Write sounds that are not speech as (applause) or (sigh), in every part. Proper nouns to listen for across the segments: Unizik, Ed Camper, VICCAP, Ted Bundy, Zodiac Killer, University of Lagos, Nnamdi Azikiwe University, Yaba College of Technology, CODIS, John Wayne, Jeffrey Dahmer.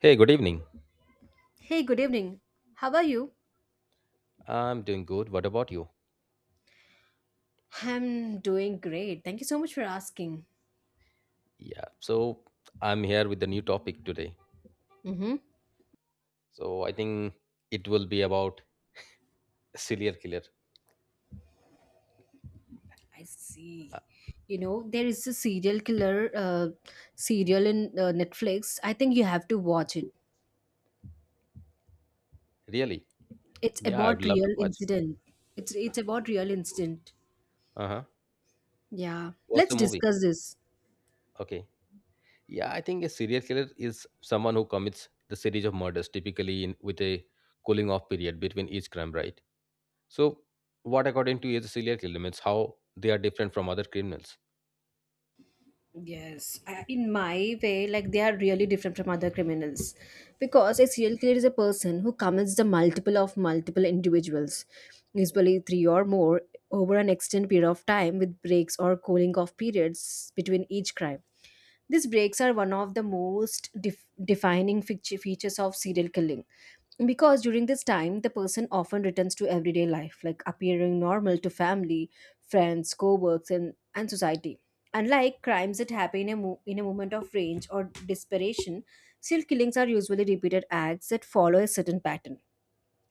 Hey, good evening. Hey, good evening. How are you? I'm doing good. What about you? I'm doing great. Thank you so much for asking. Yeah, so I'm here with the new topic today. Mm-hmm. So I think it will be about serial killer. I Uh, see. There is a serial killer serial in Netflix. I think you have to watch it. Really? It's Yeah, I would about love to real watch. incident. It's about real incident. Uh huh. Yeah. What's Let's the movie? discuss this. Okay. Yeah, I think a serial killer is someone who commits the series of murders, typically in with a cooling off period between each crime, right? So, what according to you is a serial killer means how they are different from other criminals? Yes, in my way, like they are really different from other criminals because a serial killer is a person who commits the multiple of multiple individuals, usually three or more, over an extended period of time with breaks or cooling off periods between each crime. These breaks are one of the most defining features of serial killing because during this time the person often returns to everyday life like appearing normal to family, friends, co-workers, and society. Unlike crimes that happen in a moment of rage or desperation, serial killings are usually repeated acts that follow a certain pattern.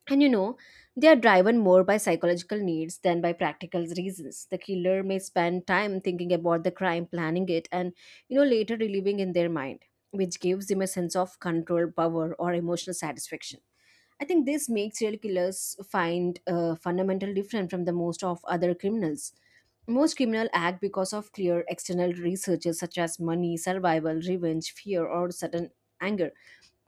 And they are driven more by psychological needs than by practical reasons. The killer may spend time thinking about the crime, planning it, and later reliving in their mind, which gives them a sense of control, power, or emotional satisfaction. I think this makes serial killers find fundamental different from the most of other criminals. Most criminal act because of clear external researches such as money, survival, revenge, fear, or sudden anger.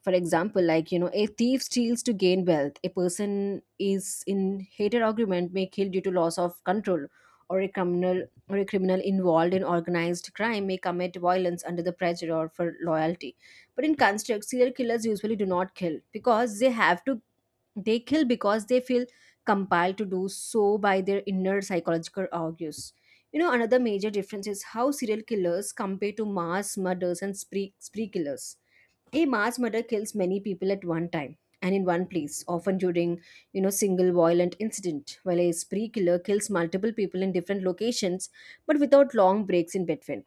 For example, like, a thief steals to gain wealth. A person is in hated argument may kill due to loss of control, or a criminal or a criminal involved in organized crime may commit violence under the pressure or for loyalty. But in construct, serial killers usually do not kill because they have to. They kill because they feel compelled to do so by their inner psychological urges. Another major difference is how serial killers compare to mass murders and spree killers. A mass murder kills many people at one time and in one place, often during, single violent incident, while a spree killer kills multiple people in different locations but without long breaks in between.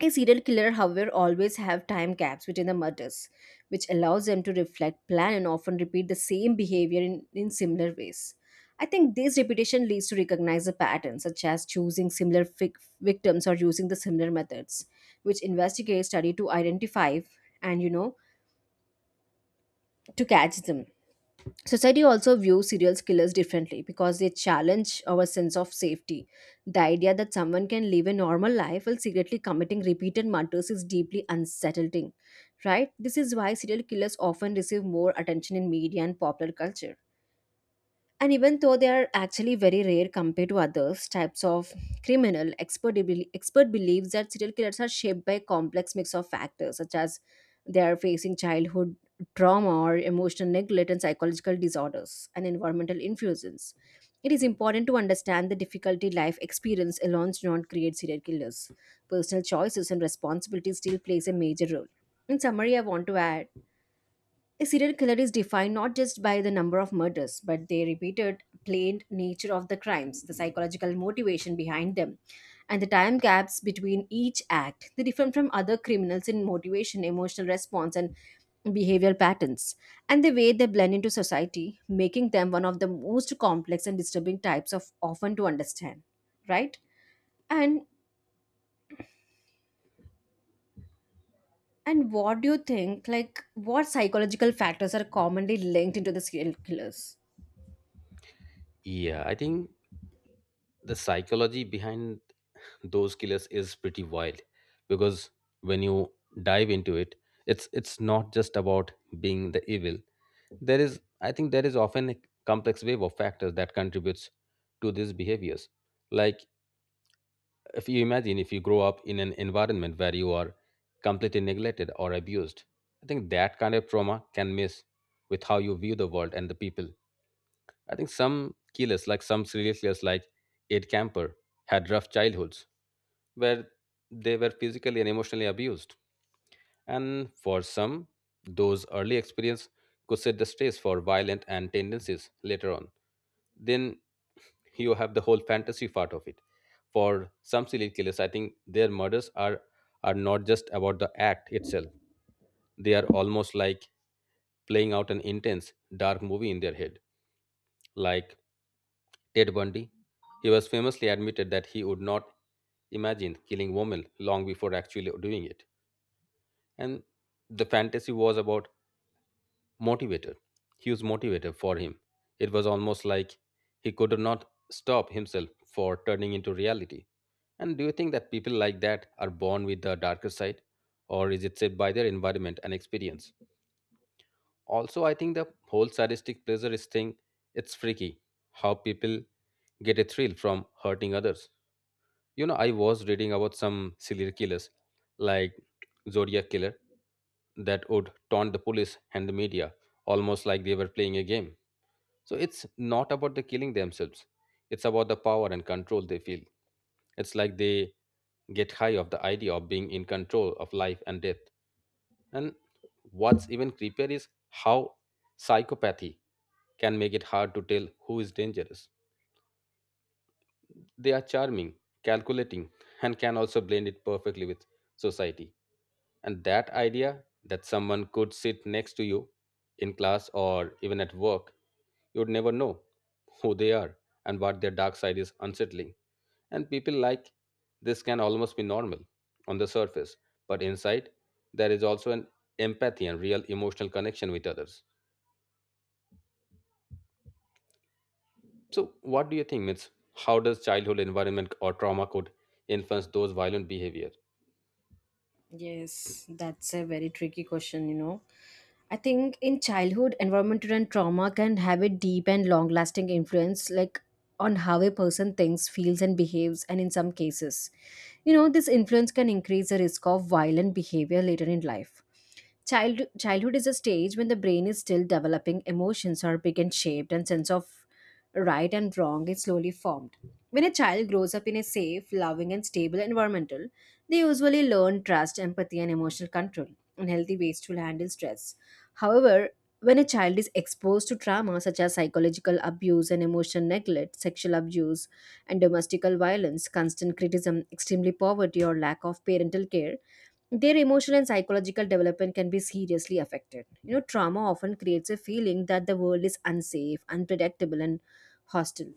A serial killer, however, always have time gaps between the murders, which allows them to reflect, plan, and often repeat the same behavior in similar ways. I think this repetition leads to recognize a pattern, such as choosing similar victims or using the similar methods, which investigators study to identify and to catch them. Society also views serial killers differently because they challenge our sense of safety. The idea that someone can live a normal life while secretly committing repeated murders is deeply unsettling, right? This is why serial killers often receive more attention in media and popular culture. And even though they are actually very rare compared to others types of criminal, expert believes that serial killers are shaped by a complex mix of factors such as they are facing childhood trauma or emotional neglect and psychological disorders and environmental influences. It is important to understand the difficulty life experience alone do not create serial killers. Personal choices and responsibility still plays a major role. In summary, I want to add a serial killer is defined not just by the number of murders, but the repeated, plain nature of the crimes, the psychological motivation behind them, and the time gaps between each act. They differ from other criminals in motivation, emotional response, and behavioral patterns, and the way they blend into society, making them one of the most complex and disturbing types of often to understand. Right? And and what do you think? Like, what psychological factors are commonly linked into the serial killers? Yeah, I think the psychology behind those killers is pretty wild because when you dive into it it's not just about being the evil. There is, often a complex wave of factors that contributes to these behaviors. Like, if you imagine if you grow up in an environment where you are completely neglected or abused, I think that kind of trauma can mess with how you view the world and the people. I think some killers, like some serial killers like Ed Camper, had rough childhoods where they were physically and emotionally abused. And for some, those early experiences could set the stage for violent and tendencies later on. Then you have the whole fantasy part of it. For some serial killers, I think their murders are not just about the act itself. They are almost like playing out an intense, dark movie in their head. Like Ted Bundy, he was famously admitted that he would not imagine killing women long before actually doing it. And the fantasy was about motivator, he was motivator for him. It was almost like he could not stop himself for turning into reality. And do you think that people like that are born with the darker side, or is it set by their environment and experience? Also, I think the whole sadistic pleasure is thing, it's freaky how people get a thrill from hurting others. You know, I was reading about some serial killers like Zodiac Killer that would taunt the police and the media, almost like they were playing a game. So it's not about the killing themselves, it's about the power and control they feel. It's like they get high of the idea of being in control of life and death. And what's even creepier is how psychopathy can make it hard to tell who is dangerous. They are charming, calculating, and can also blend it perfectly with society. And that idea that someone could sit next to you in class or even at work, you would never know who they are and what their dark side is unsettling. And people like this can almost be normal on the surface, but inside there is also an empathy and real emotional connection with others. So, what do you think, Mitz? How does childhood environment or trauma could influence those violent behavior? Yes, that's a very tricky question. I think in childhood, environmental and trauma can have a deep and long lasting influence, like on how a person thinks, feels, and behaves, and in some cases, this influence can increase the risk of violent behavior later in life. Childhood is a stage when the brain is still developing, emotions are big and shaped, and sense of right and wrong is slowly formed. When a child grows up in a safe, loving, and stable environment, they usually learn trust, empathy, and emotional control, and healthy ways to handle stress. However, when a child is exposed to trauma such as psychological abuse and emotional neglect, sexual abuse, and domestical violence, constant criticism, extremely poverty, or lack of parental care, their emotional and psychological development can be seriously affected. Trauma often creates a feeling that the world is unsafe, unpredictable, and hostile.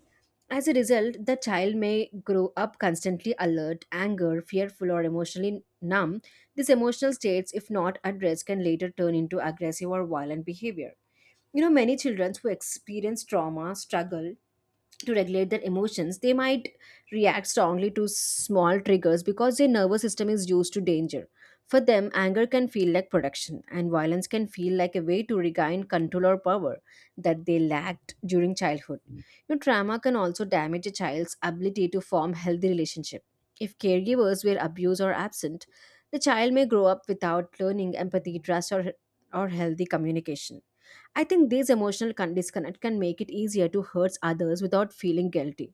As a result, the child may grow up constantly alert, anger, fearful, or emotionally numb. These emotional states, if not addressed, can later turn into aggressive or violent behavior. Many children who experience trauma struggle to regulate their emotions, they might react strongly to small triggers because their nervous system is used to danger. For them, anger can feel like protection, and violence can feel like a way to regain control or power that they lacked during childhood. Trauma can also damage a child's ability to form healthy relationships. If caregivers were abused or absent, the child may grow up without learning empathy, trust, or healthy communication. I think this emotional disconnect can make it easier to hurt others without feeling guilty.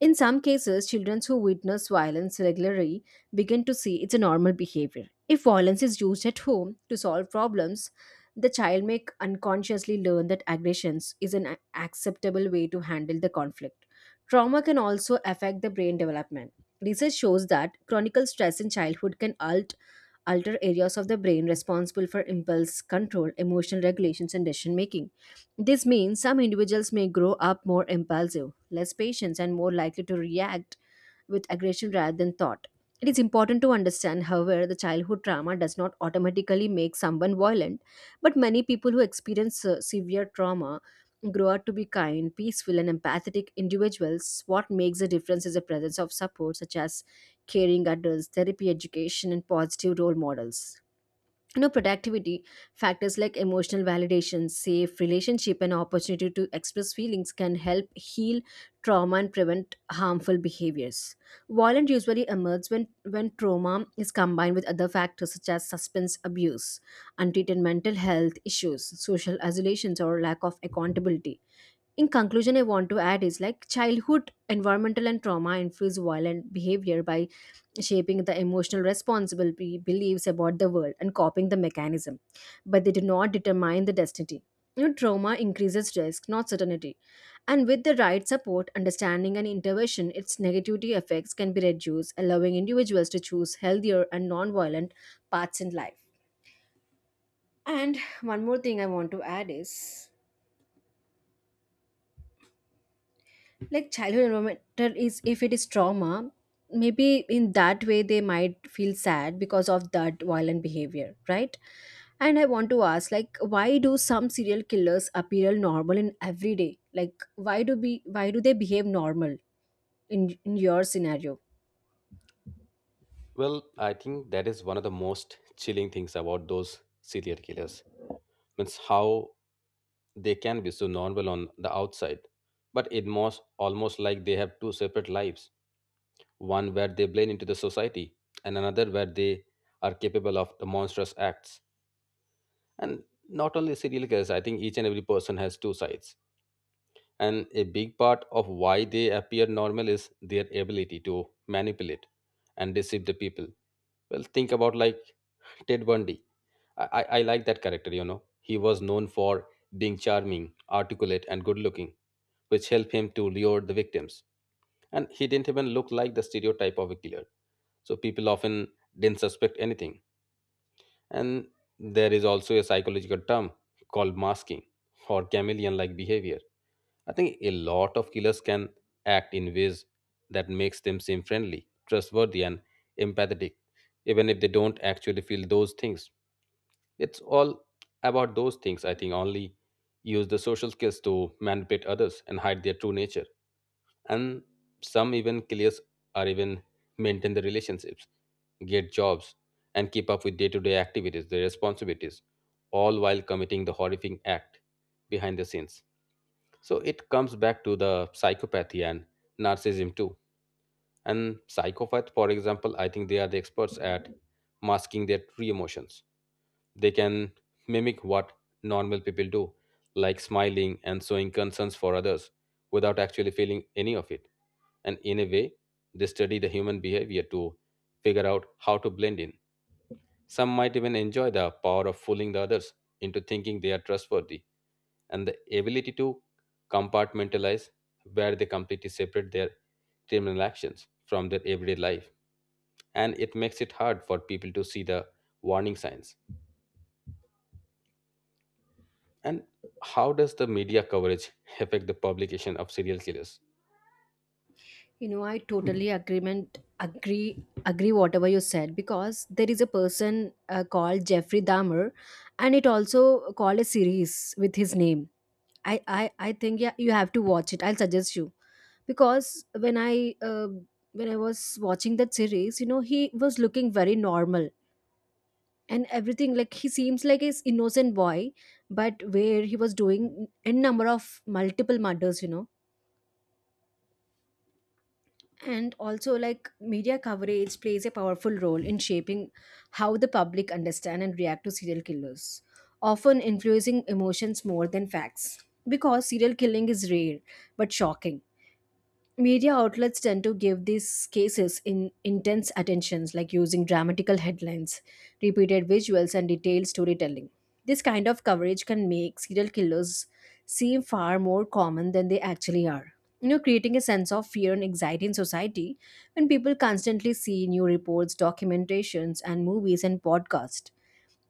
In some cases, children who witness violence regularly begin to see it's a normal behavior. If violence is used at home to solve problems, the child may unconsciously learn that aggression is an acceptable way to handle the conflict. Trauma can also affect the brain development. Research shows that chronic stress in childhood can alter areas of the brain responsible for impulse control, emotional regulations, and decision making. This means some individuals may grow up more impulsive, less patient, and more likely to react with aggression rather than thought. It is important to understand, however, the childhood trauma does not automatically make someone violent, but many people who experience severe trauma grow up to be kind, peaceful, and empathetic individuals. What makes a difference is the presence of support, such as caring adults, therapy education, and positive role models. Productivity factors like emotional validation, safe relationship, and opportunity to express feelings can help heal trauma and prevent harmful behaviors. Violence usually emerges when trauma is combined with other factors such as substance abuse, untreated mental health issues, social isolations, or lack of accountability. In conclusion, I want to add is like childhood environmental and trauma influence violent behavior by shaping the emotional responsibility beliefs about the world and copying the mechanism, but they do not determine the destiny. Trauma increases risk, not certainty, and with the right support, understanding, and intervention, its negativity effects can be reduced, allowing individuals to choose healthier and non-violent paths in life. And one more thing I want to add is, like, childhood environmental is if it is trauma, maybe in that way they might feel sad because of that violent behavior, right? And I want to ask, like, why do some serial killers appear normal in everyday, like, why do they behave normal in your scenario? Well, I think that is one of the most chilling things about those serial killers. Means how they can be so normal on the outside, but it most almost like they have two separate lives. One where they blend into the society, and another where they are capable of the monstrous acts. And not only serial killers, I think each and every person has two sides. And a big part of why they appear normal is their ability to manipulate and deceive the people. Well, think about like Ted Bundy. I like that character, you know. He was known for being charming, articulate, and good looking, which helped him to lure the victims. And he didn't even look like the stereotype of a killer. So people often didn't suspect anything. And there is also a psychological term called masking or chameleon like behavior. I think a lot of killers can act in ways that makes them seem friendly, trustworthy, and empathetic, even if they don't actually feel those things. It's all about those things, I think, only use the social skills to manipulate others and hide their true nature. And some even killers are even maintain the relationships, get jobs, and keep up with day to day activities, their responsibilities, all while committing the horrific act behind the scenes. So it comes back to the psychopathy and narcissism too. And psychopath, for example, I think they are the experts at masking their true emotions. They can mimic what normal people do, like smiling and showing concerns for others without actually feeling any of it. And in a way, they study the human behavior to figure out how to blend in. Some might even enjoy the power of fooling the others into thinking they are trustworthy, and the ability to compartmentalize where they completely separate their criminal actions from their everyday life, and it makes it hard for people to see the warning signs. And how does the media coverage affect the publication of serial killers? I totally agree whatever you said because there is a person called Jeffrey Dahmer, and it also called a series with his name. I think yeah, you have to watch it. I'll suggest you because when I uh, when I was watching that series, he was looking very normal and everything. Like he seems like his innocent boy, but where he was doing n number of multiple murders. And also, like, media coverage plays a powerful role in shaping how the public understand and react to serial killers, often influencing emotions more than facts. Because serial killing is rare but shocking, media outlets tend to give these cases in intense attentions, like using dramatical headlines, repeated visuals, and detailed storytelling. This kind of coverage can make serial killers seem far more common than they actually are, creating a sense of fear and anxiety in society. When people constantly see new reports, documentations, and movies and podcasts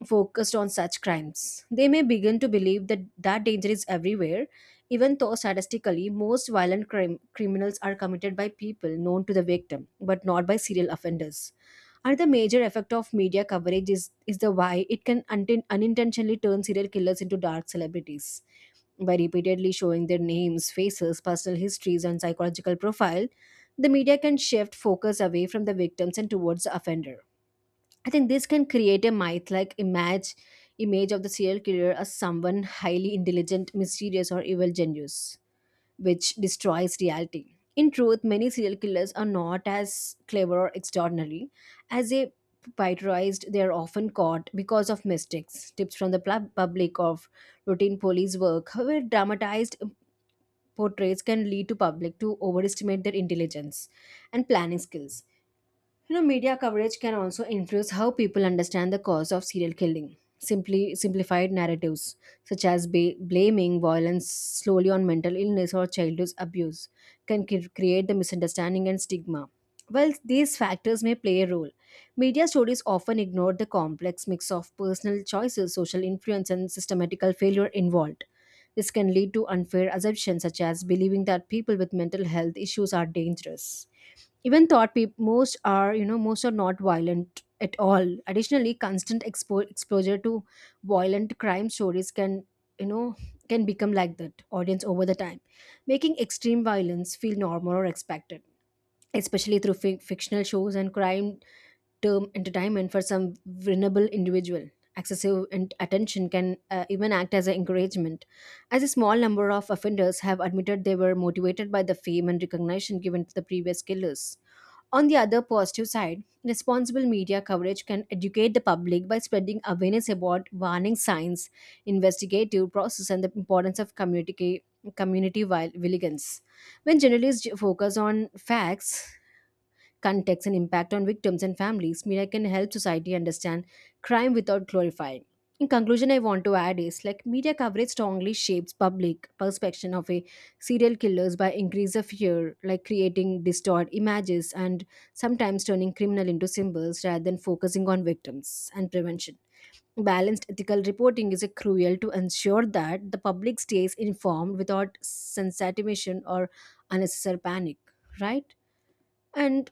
focused on such crimes, they may begin to believe that that danger is everywhere, even though statistically most violent criminals are committed by people known to the victim, but not by serial offenders. Another major effect of media coverage is the why it can unintentionally turn serial killers into dark celebrities. By repeatedly showing their names, faces, personal histories, and psychological profile, the media can shift focus away from the victims and towards the offender. I think this can create a myth like image of the serial killer as someone highly intelligent, mysterious, or evil genius, which destroys reality. In truth, many serial killers are not as clever or extraordinary as they pitorized. They are often caught because of mistakes, tips from the public, of routine police work. However, dramatized portraits can lead to public to overestimate their intelligence and planning skills. Media coverage can also influence how people understand the cause of serial killing. Simply Simplified narratives, such as blaming violence solely on mental illness or childhood abuse, can create the misunderstanding and stigma. While these factors may play a role, media stories often ignore the complex mix of personal choices, social influence, and systematical failure involved. This can lead to unfair assumptions, such as believing that people with mental health issues are dangerous even thought people most are most are not violent at all. Additionally, constant exposure to violent crime stories can you know can become like that audience over the time, making extreme violence feel normal or expected, especially through fictional shows and crime term entertainment. For some vulnerable individual, excessive and attention can even act as an encouragement, as a small number of offenders have admitted they were motivated by the fame and recognition given to the previous killers. On the other positive side, responsible media coverage can educate the public by spreading awareness about warning signs, investigative process, and the importance of community vigilance. When journalists focus on facts, context and impact on victims and families, media can help society understand crime without glorifying. In conclusion, I want to add is like media coverage strongly shapes public perception of a serial killers by increase of fear, like creating distorted images and sometimes turning criminal into symbols rather than focusing on victims and prevention. Balanced ethical reporting is a crucial to ensure that the public stays informed without sensitization or unnecessary panic, right? And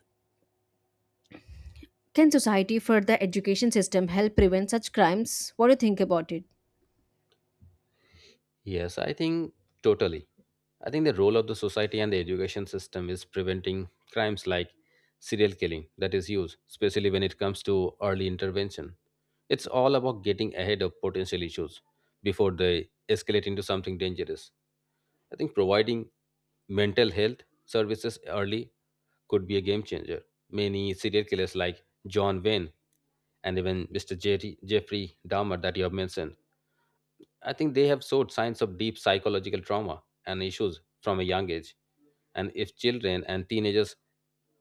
can society further education system help prevent such crimes? What do you think about it? Yes, I think totally. I think the role of the society and the education system is preventing crimes like serial killing that is used, especially when it comes to early intervention. It's all about getting ahead of potential issues before they escalate into something dangerous. I think providing mental health services early could be a game changer. Many serial killers like John Wayne and even Mr. Jerry, Jeffrey Dahmer that you have mentioned, I think they have showed signs of deep psychological trauma and issues from a young age. And if children and teenagers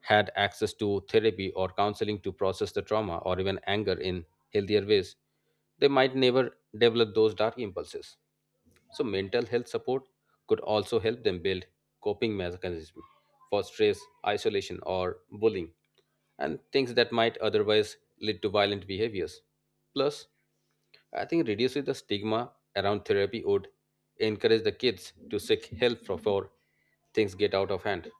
had access to therapy or counseling to process the trauma or even anger in healthier ways, they might never develop those dark impulses. So mental health support could also help them build coping mechanisms for stress, isolation, or bullying, and things that might otherwise lead to violent behaviors. Plus, I think reducing the stigma around therapy would encourage the kids to seek help before things get out of hand.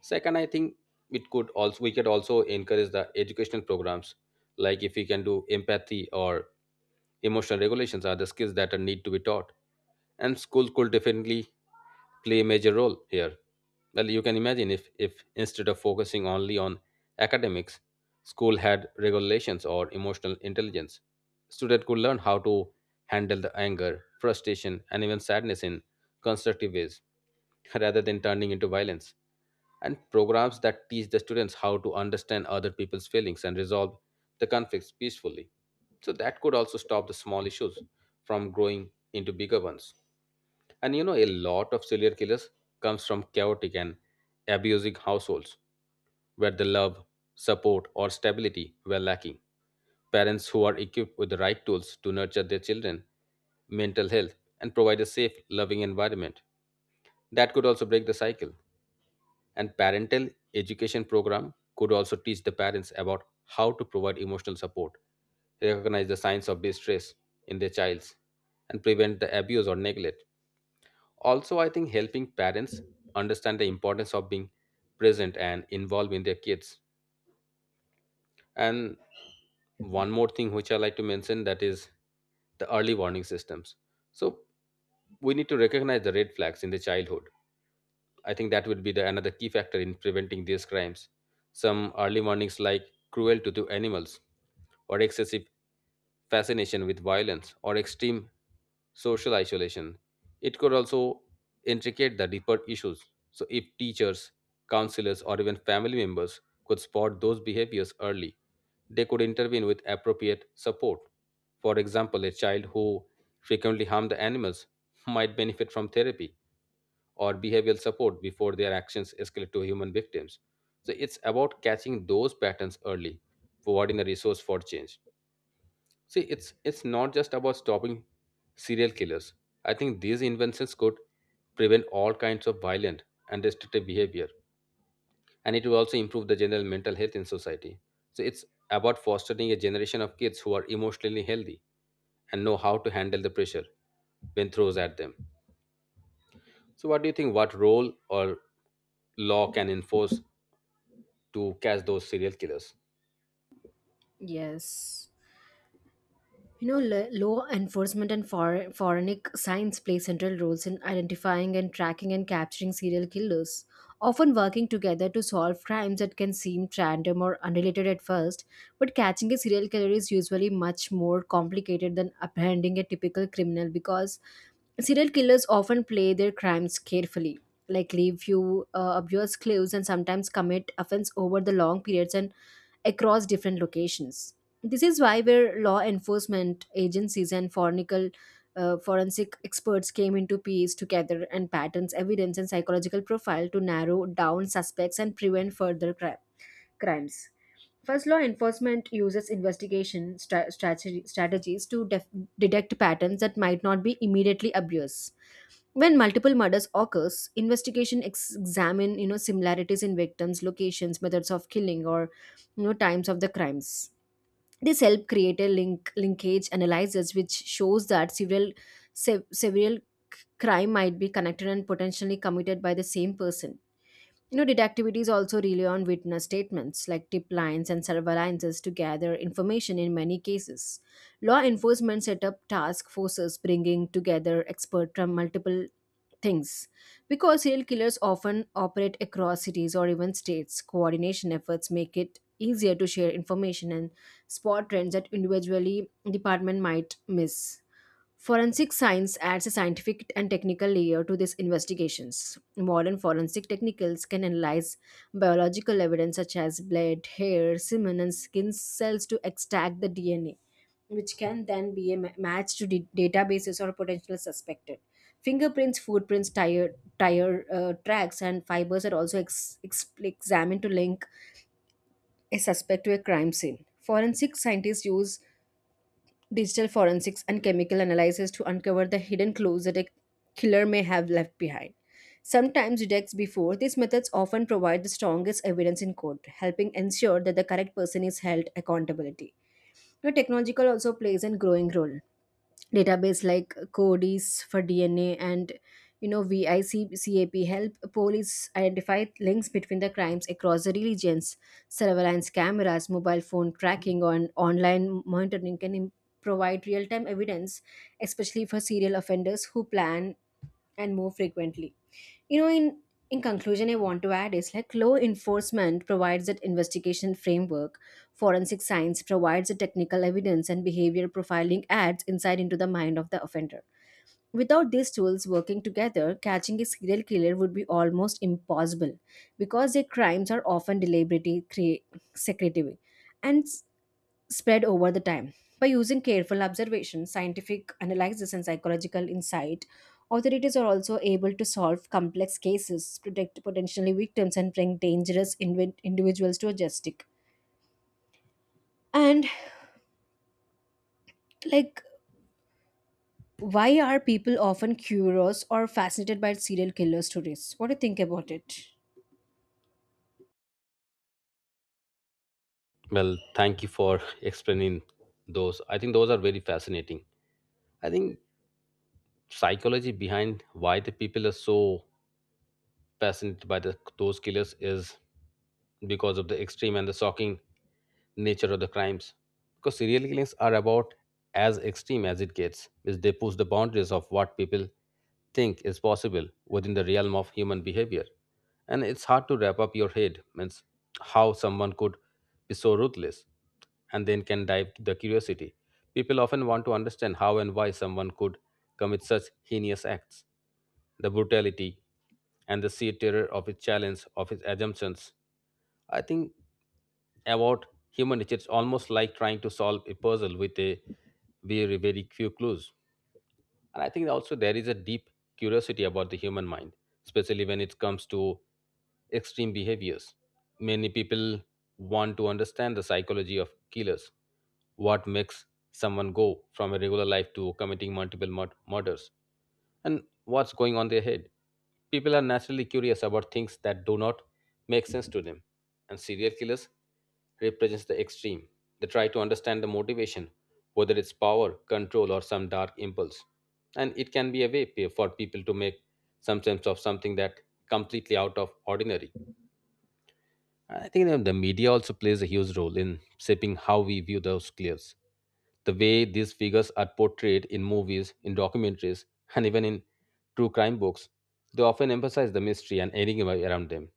Second, I think it could also we could also encourage the educational programs, like if we can do empathy or emotional regulations are the skills that are need to be taught, and schools could definitely play a major role here. Well, you can imagine if instead of focusing only on academics, school had regulations or emotional intelligence, students could learn how to handle the anger, frustration, and even sadness in constructive ways, (laughs) rather than turning into violence, and programs that teach the students how to understand other people's feelings and resolve the conflicts peacefully. So that could also stop the small issues from growing into bigger ones. And you know, a lot of serial killers comes from chaotic and abusive households where the love, support, or stability were lacking. Parents who are equipped with the right tools to nurture their children mental health and provide a safe, loving environment. That could also break the cycle. And parental education program could also teach the parents about how to provide emotional support, recognize the signs of distress in their childs, and prevent the abuse or neglect. Also, I think helping parents understand the importance of being present and involved in their kids. And one more thing which I like to mention that is the early warning systems. So we need to recognize the red flags in the childhood. I think that would be the another key factor in preventing these crimes. Some early warnings like cruelty to animals, or excessive fascination with violence, or extreme social isolation. It could also intricate the deeper issues. So if teachers, counselors, or even family members could spot those behaviors early, they could intervene with appropriate support. For example, a child who frequently harmed the animals might benefit from therapy or behavioral support before their actions escalate to human victims. So it's about catching those patterns early, providing a resource for change. See, it's not just about stopping serial killers. I think these inventions could prevent all kinds of violent and restrictive behavior, and it will also improve the general mental health in society. So it's about fostering a generation of kids who are emotionally healthy and know how to handle the pressure when throws at them. So, what do you think? What role or law can enforce to catch those serial killers? Yes. You know, law enforcement and forensic science play central roles in identifying and tracking and capturing serial killers, often working together to solve crimes that can seem random or unrelated at first. But catching a serial killer is usually much more complicated than apprehending a typical criminal, because serial killers often play their crimes carefully, like leave few obvious clues and sometimes commit offense over the long periods and across different locations. This is why where law enforcement agencies and fornical forensic experts came into piece together and patterns, evidence, and psychological profile to narrow down suspects and prevent further crimes. First, law enforcement uses investigation strategies to detect patterns that might not be immediately obvious. When multiple murders occurs, investigation examine similarities in victims, locations, methods of killing, or times of the crimes. This help create a linkage analysis, which shows that several crime might be connected and potentially committed by the same person. You know, detectivities also rely on witness statements like tip lines and surveillances to gather information in many cases. Law enforcement set up task forces bringing together experts from multiple things. Because serial killers often operate across cities or even states, coordination efforts make it easier to share information and spot trends that individually department might miss. Forensic science adds a scientific and technical layer to these investigations. Modern forensic technicals can analyze biological evidence such as blood, hair, semen, and skin cells to extract the DNA, which can then be a match to databases or potential suspected. Fingerprints, footprints, tire, tire tracks, and fibers are also examined to link a suspect to a crime scene. Forensic scientists use digital forensics and chemical analysis to uncover the hidden clues that a killer may have left behind. Sometimes decades before, these methods often provide the strongest evidence in court, helping ensure that the correct person is held accountability. Now, technological also plays a growing role. Database like CODIS for DNA and VICCAP help police identify links between the crimes across the regions. Surveillance cameras, mobile phone tracking, and online monitoring can provide real-time evidence, especially for serial offenders who plan and move frequently. You know, in conclusion, I want to add is like law enforcement provides that investigation framework, forensic science provides the technical evidence, and behavior profiling adds insight into the mind of the offender. Without these tools working together, catching a serial killer would be almost impossible because their crimes are often deliberately secretive. And spread over the time. By using careful observation, scientific analysis, and psychological insight, authorities are also able to solve complex cases, protect potentially victims, and bring dangerous individuals to justice. And like, why are people often curious or fascinated by serial killer stories? What do you think about it? Well, thank you for (laughs) explaining those. I think those are very fascinating. I think psychology behind why the people are so fascinated by those killers is because of the extreme and the shocking nature of the crimes. Because serial killings are about as extreme as it gets, which they push the boundaries of what people think is possible within the realm of human behavior. And it's hard to wrap up your head, means how someone could be so ruthless and then can dive to the curiosity. People often want to understand how and why someone could commit such heinous acts, the brutality, and the sheer terror of its challenge, of its assumptions. I think about human nature, it's almost like trying to solve a puzzle with a very, very few clues. And I think also there is a deep curiosity about the human mind, especially when it comes to extreme behaviors. Many people want to understand the psychology of killers, what makes someone go from a regular life to committing murders and what's going on their head. People are naturally curious about things that do not make sense to them, and serial killers represents the extreme. They try to understand the motivation, whether it's power, control, or some dark impulse. And it can be a way for people to make some sense of something that completely out of ordinary. I think that the media also plays a huge role in shaping how we view those killers. The way these figures are portrayed in movies, in documentaries, and even in true crime books, they often emphasize the mystery and enigma around them.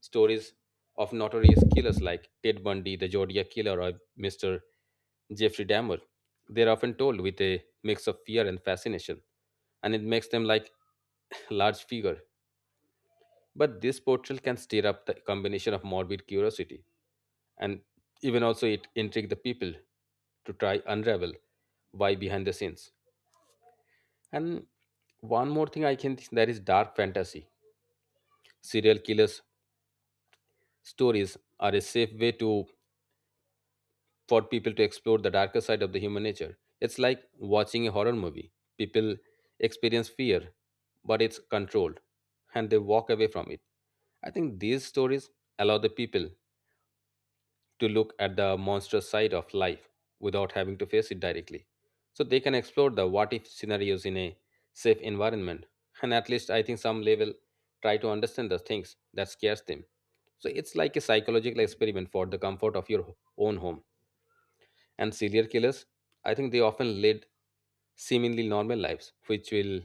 Stories of notorious killers like Ted Bundy, the Zodiac Killer, or Mr. Jeffrey Dahmer, they are often told with a mix of fear and fascination, and it makes them like (laughs) large figure. But this portrayal can stir up the combination of morbid curiosity, and even also it intrigue the people to try unravel why behind the scenes. And one more thing I can think that is dark fantasy. Serial killers stories are a safe way to for people to explore the darker side of the human nature. It's like watching a horror movie, people experience fear, but it's controlled and they walk away from it. I think these stories allow the people to look at the monstrous side of life without having to face it directly. So they can explore the what if scenarios in a safe environment. And at least I think some level try to understand the things that scares them. So it's like a psychological experiment for the comfort of your own home. And serial killers, I think they often lead seemingly normal lives, which will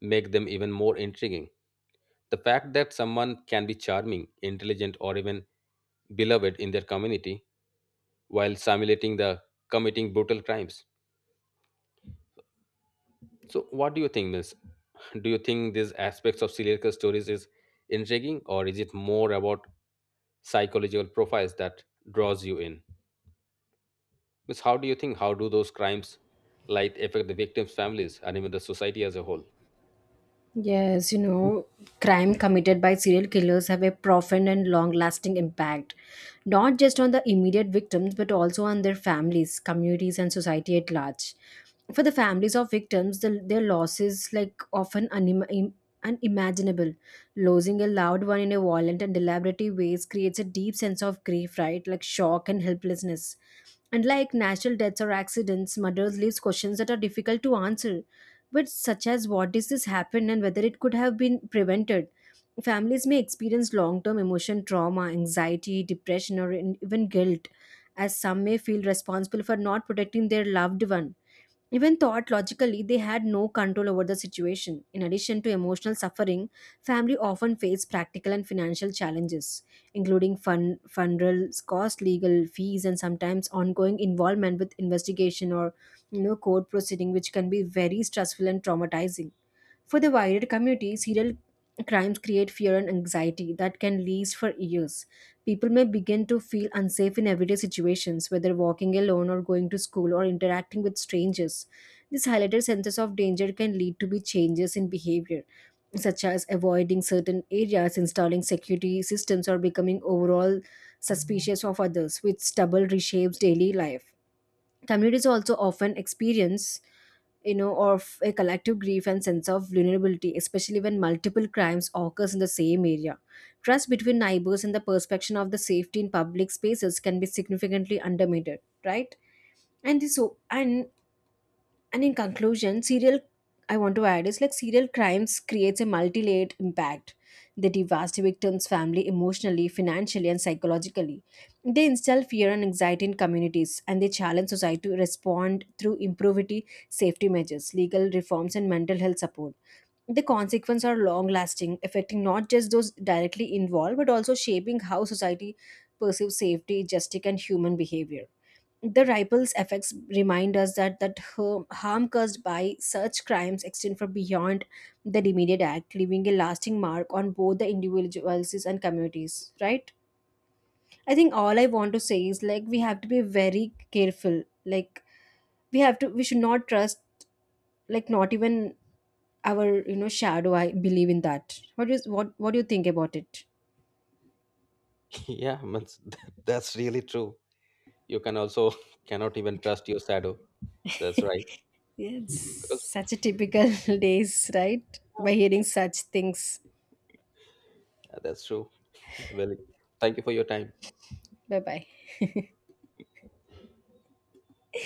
make them even more intriguing. The fact that someone can be charming, intelligent, or even beloved in their community while simulating the committing brutal crimes. So, what do you think, Miss? Do you think these aspects of serial killer stories is intriguing, or is it more about psychological profiles that draws you in? Miss, how do you think? How do those crimes like affect the victims' families and even the society as a whole? Yes, you know, crime committed by serial killers have a profound and long-lasting impact, not just on the immediate victims, but also on their families, communities, and society at large. For the families of victims, their losses like often unimaginable. Losing a loved one in a violent and deliberate ways creates a deep sense of grief, right? Like shock and helplessness. And like natural deaths or accidents, murders leaves questions that are difficult to answer but such as what does this happen and whether it could have been prevented. Families may experience long term emotion trauma, anxiety, depression, or even guilt, as some may feel responsible for not protecting their loved one. Even thought logically, they had no control over the situation. In addition to emotional suffering, family often face practical and financial challenges, including funerals, cost, legal fees, and sometimes ongoing involvement with investigation or court proceeding, which can be very stressful and traumatizing. For the wider community, serial crimes create fear and anxiety that can last for years. People may begin to feel unsafe in everyday situations, whether walking alone or going to school or interacting with strangers. This highlighted sense of danger can lead to be changes in behavior, such as avoiding certain areas, installing security systems, or becoming overall suspicious of others, which double reshapes daily life. Communities also often experience of a collective grief and sense of vulnerability, especially when multiple crimes occurs in the same area. Trust between neighbors and the perception of the safety in public spaces can be significantly undermined, right? And so, and in conclusion, serial I want to add is like serial crimes creates a multi-layered impact. They devastate victims family emotionally, financially, and psychologically. They instill fear and anxiety in communities, and they challenge society to respond through improvity safety measures, legal reforms, and mental health support. The consequences are long lasting, affecting not just those directly involved, but also shaping how society perceives safety, justice, and human behavior. The ripple effects remind us that harm caused by such crimes extend far beyond the immediate act, leaving a lasting mark on both the individuals and communities. Right? I think all I want to say is like we have to be very careful. Like we should not trust like not even our shadow. I believe in that. What is what? What do you think about it? (laughs) Yeah, Miss, that's really true. You can also (laughs) cannot even trust your shadow. That's right. Yeah, it's Because such a typical (laughs) days, right? By yeah, hearing such things. that's true. Yeah, well, thank you for your time. Bye bye.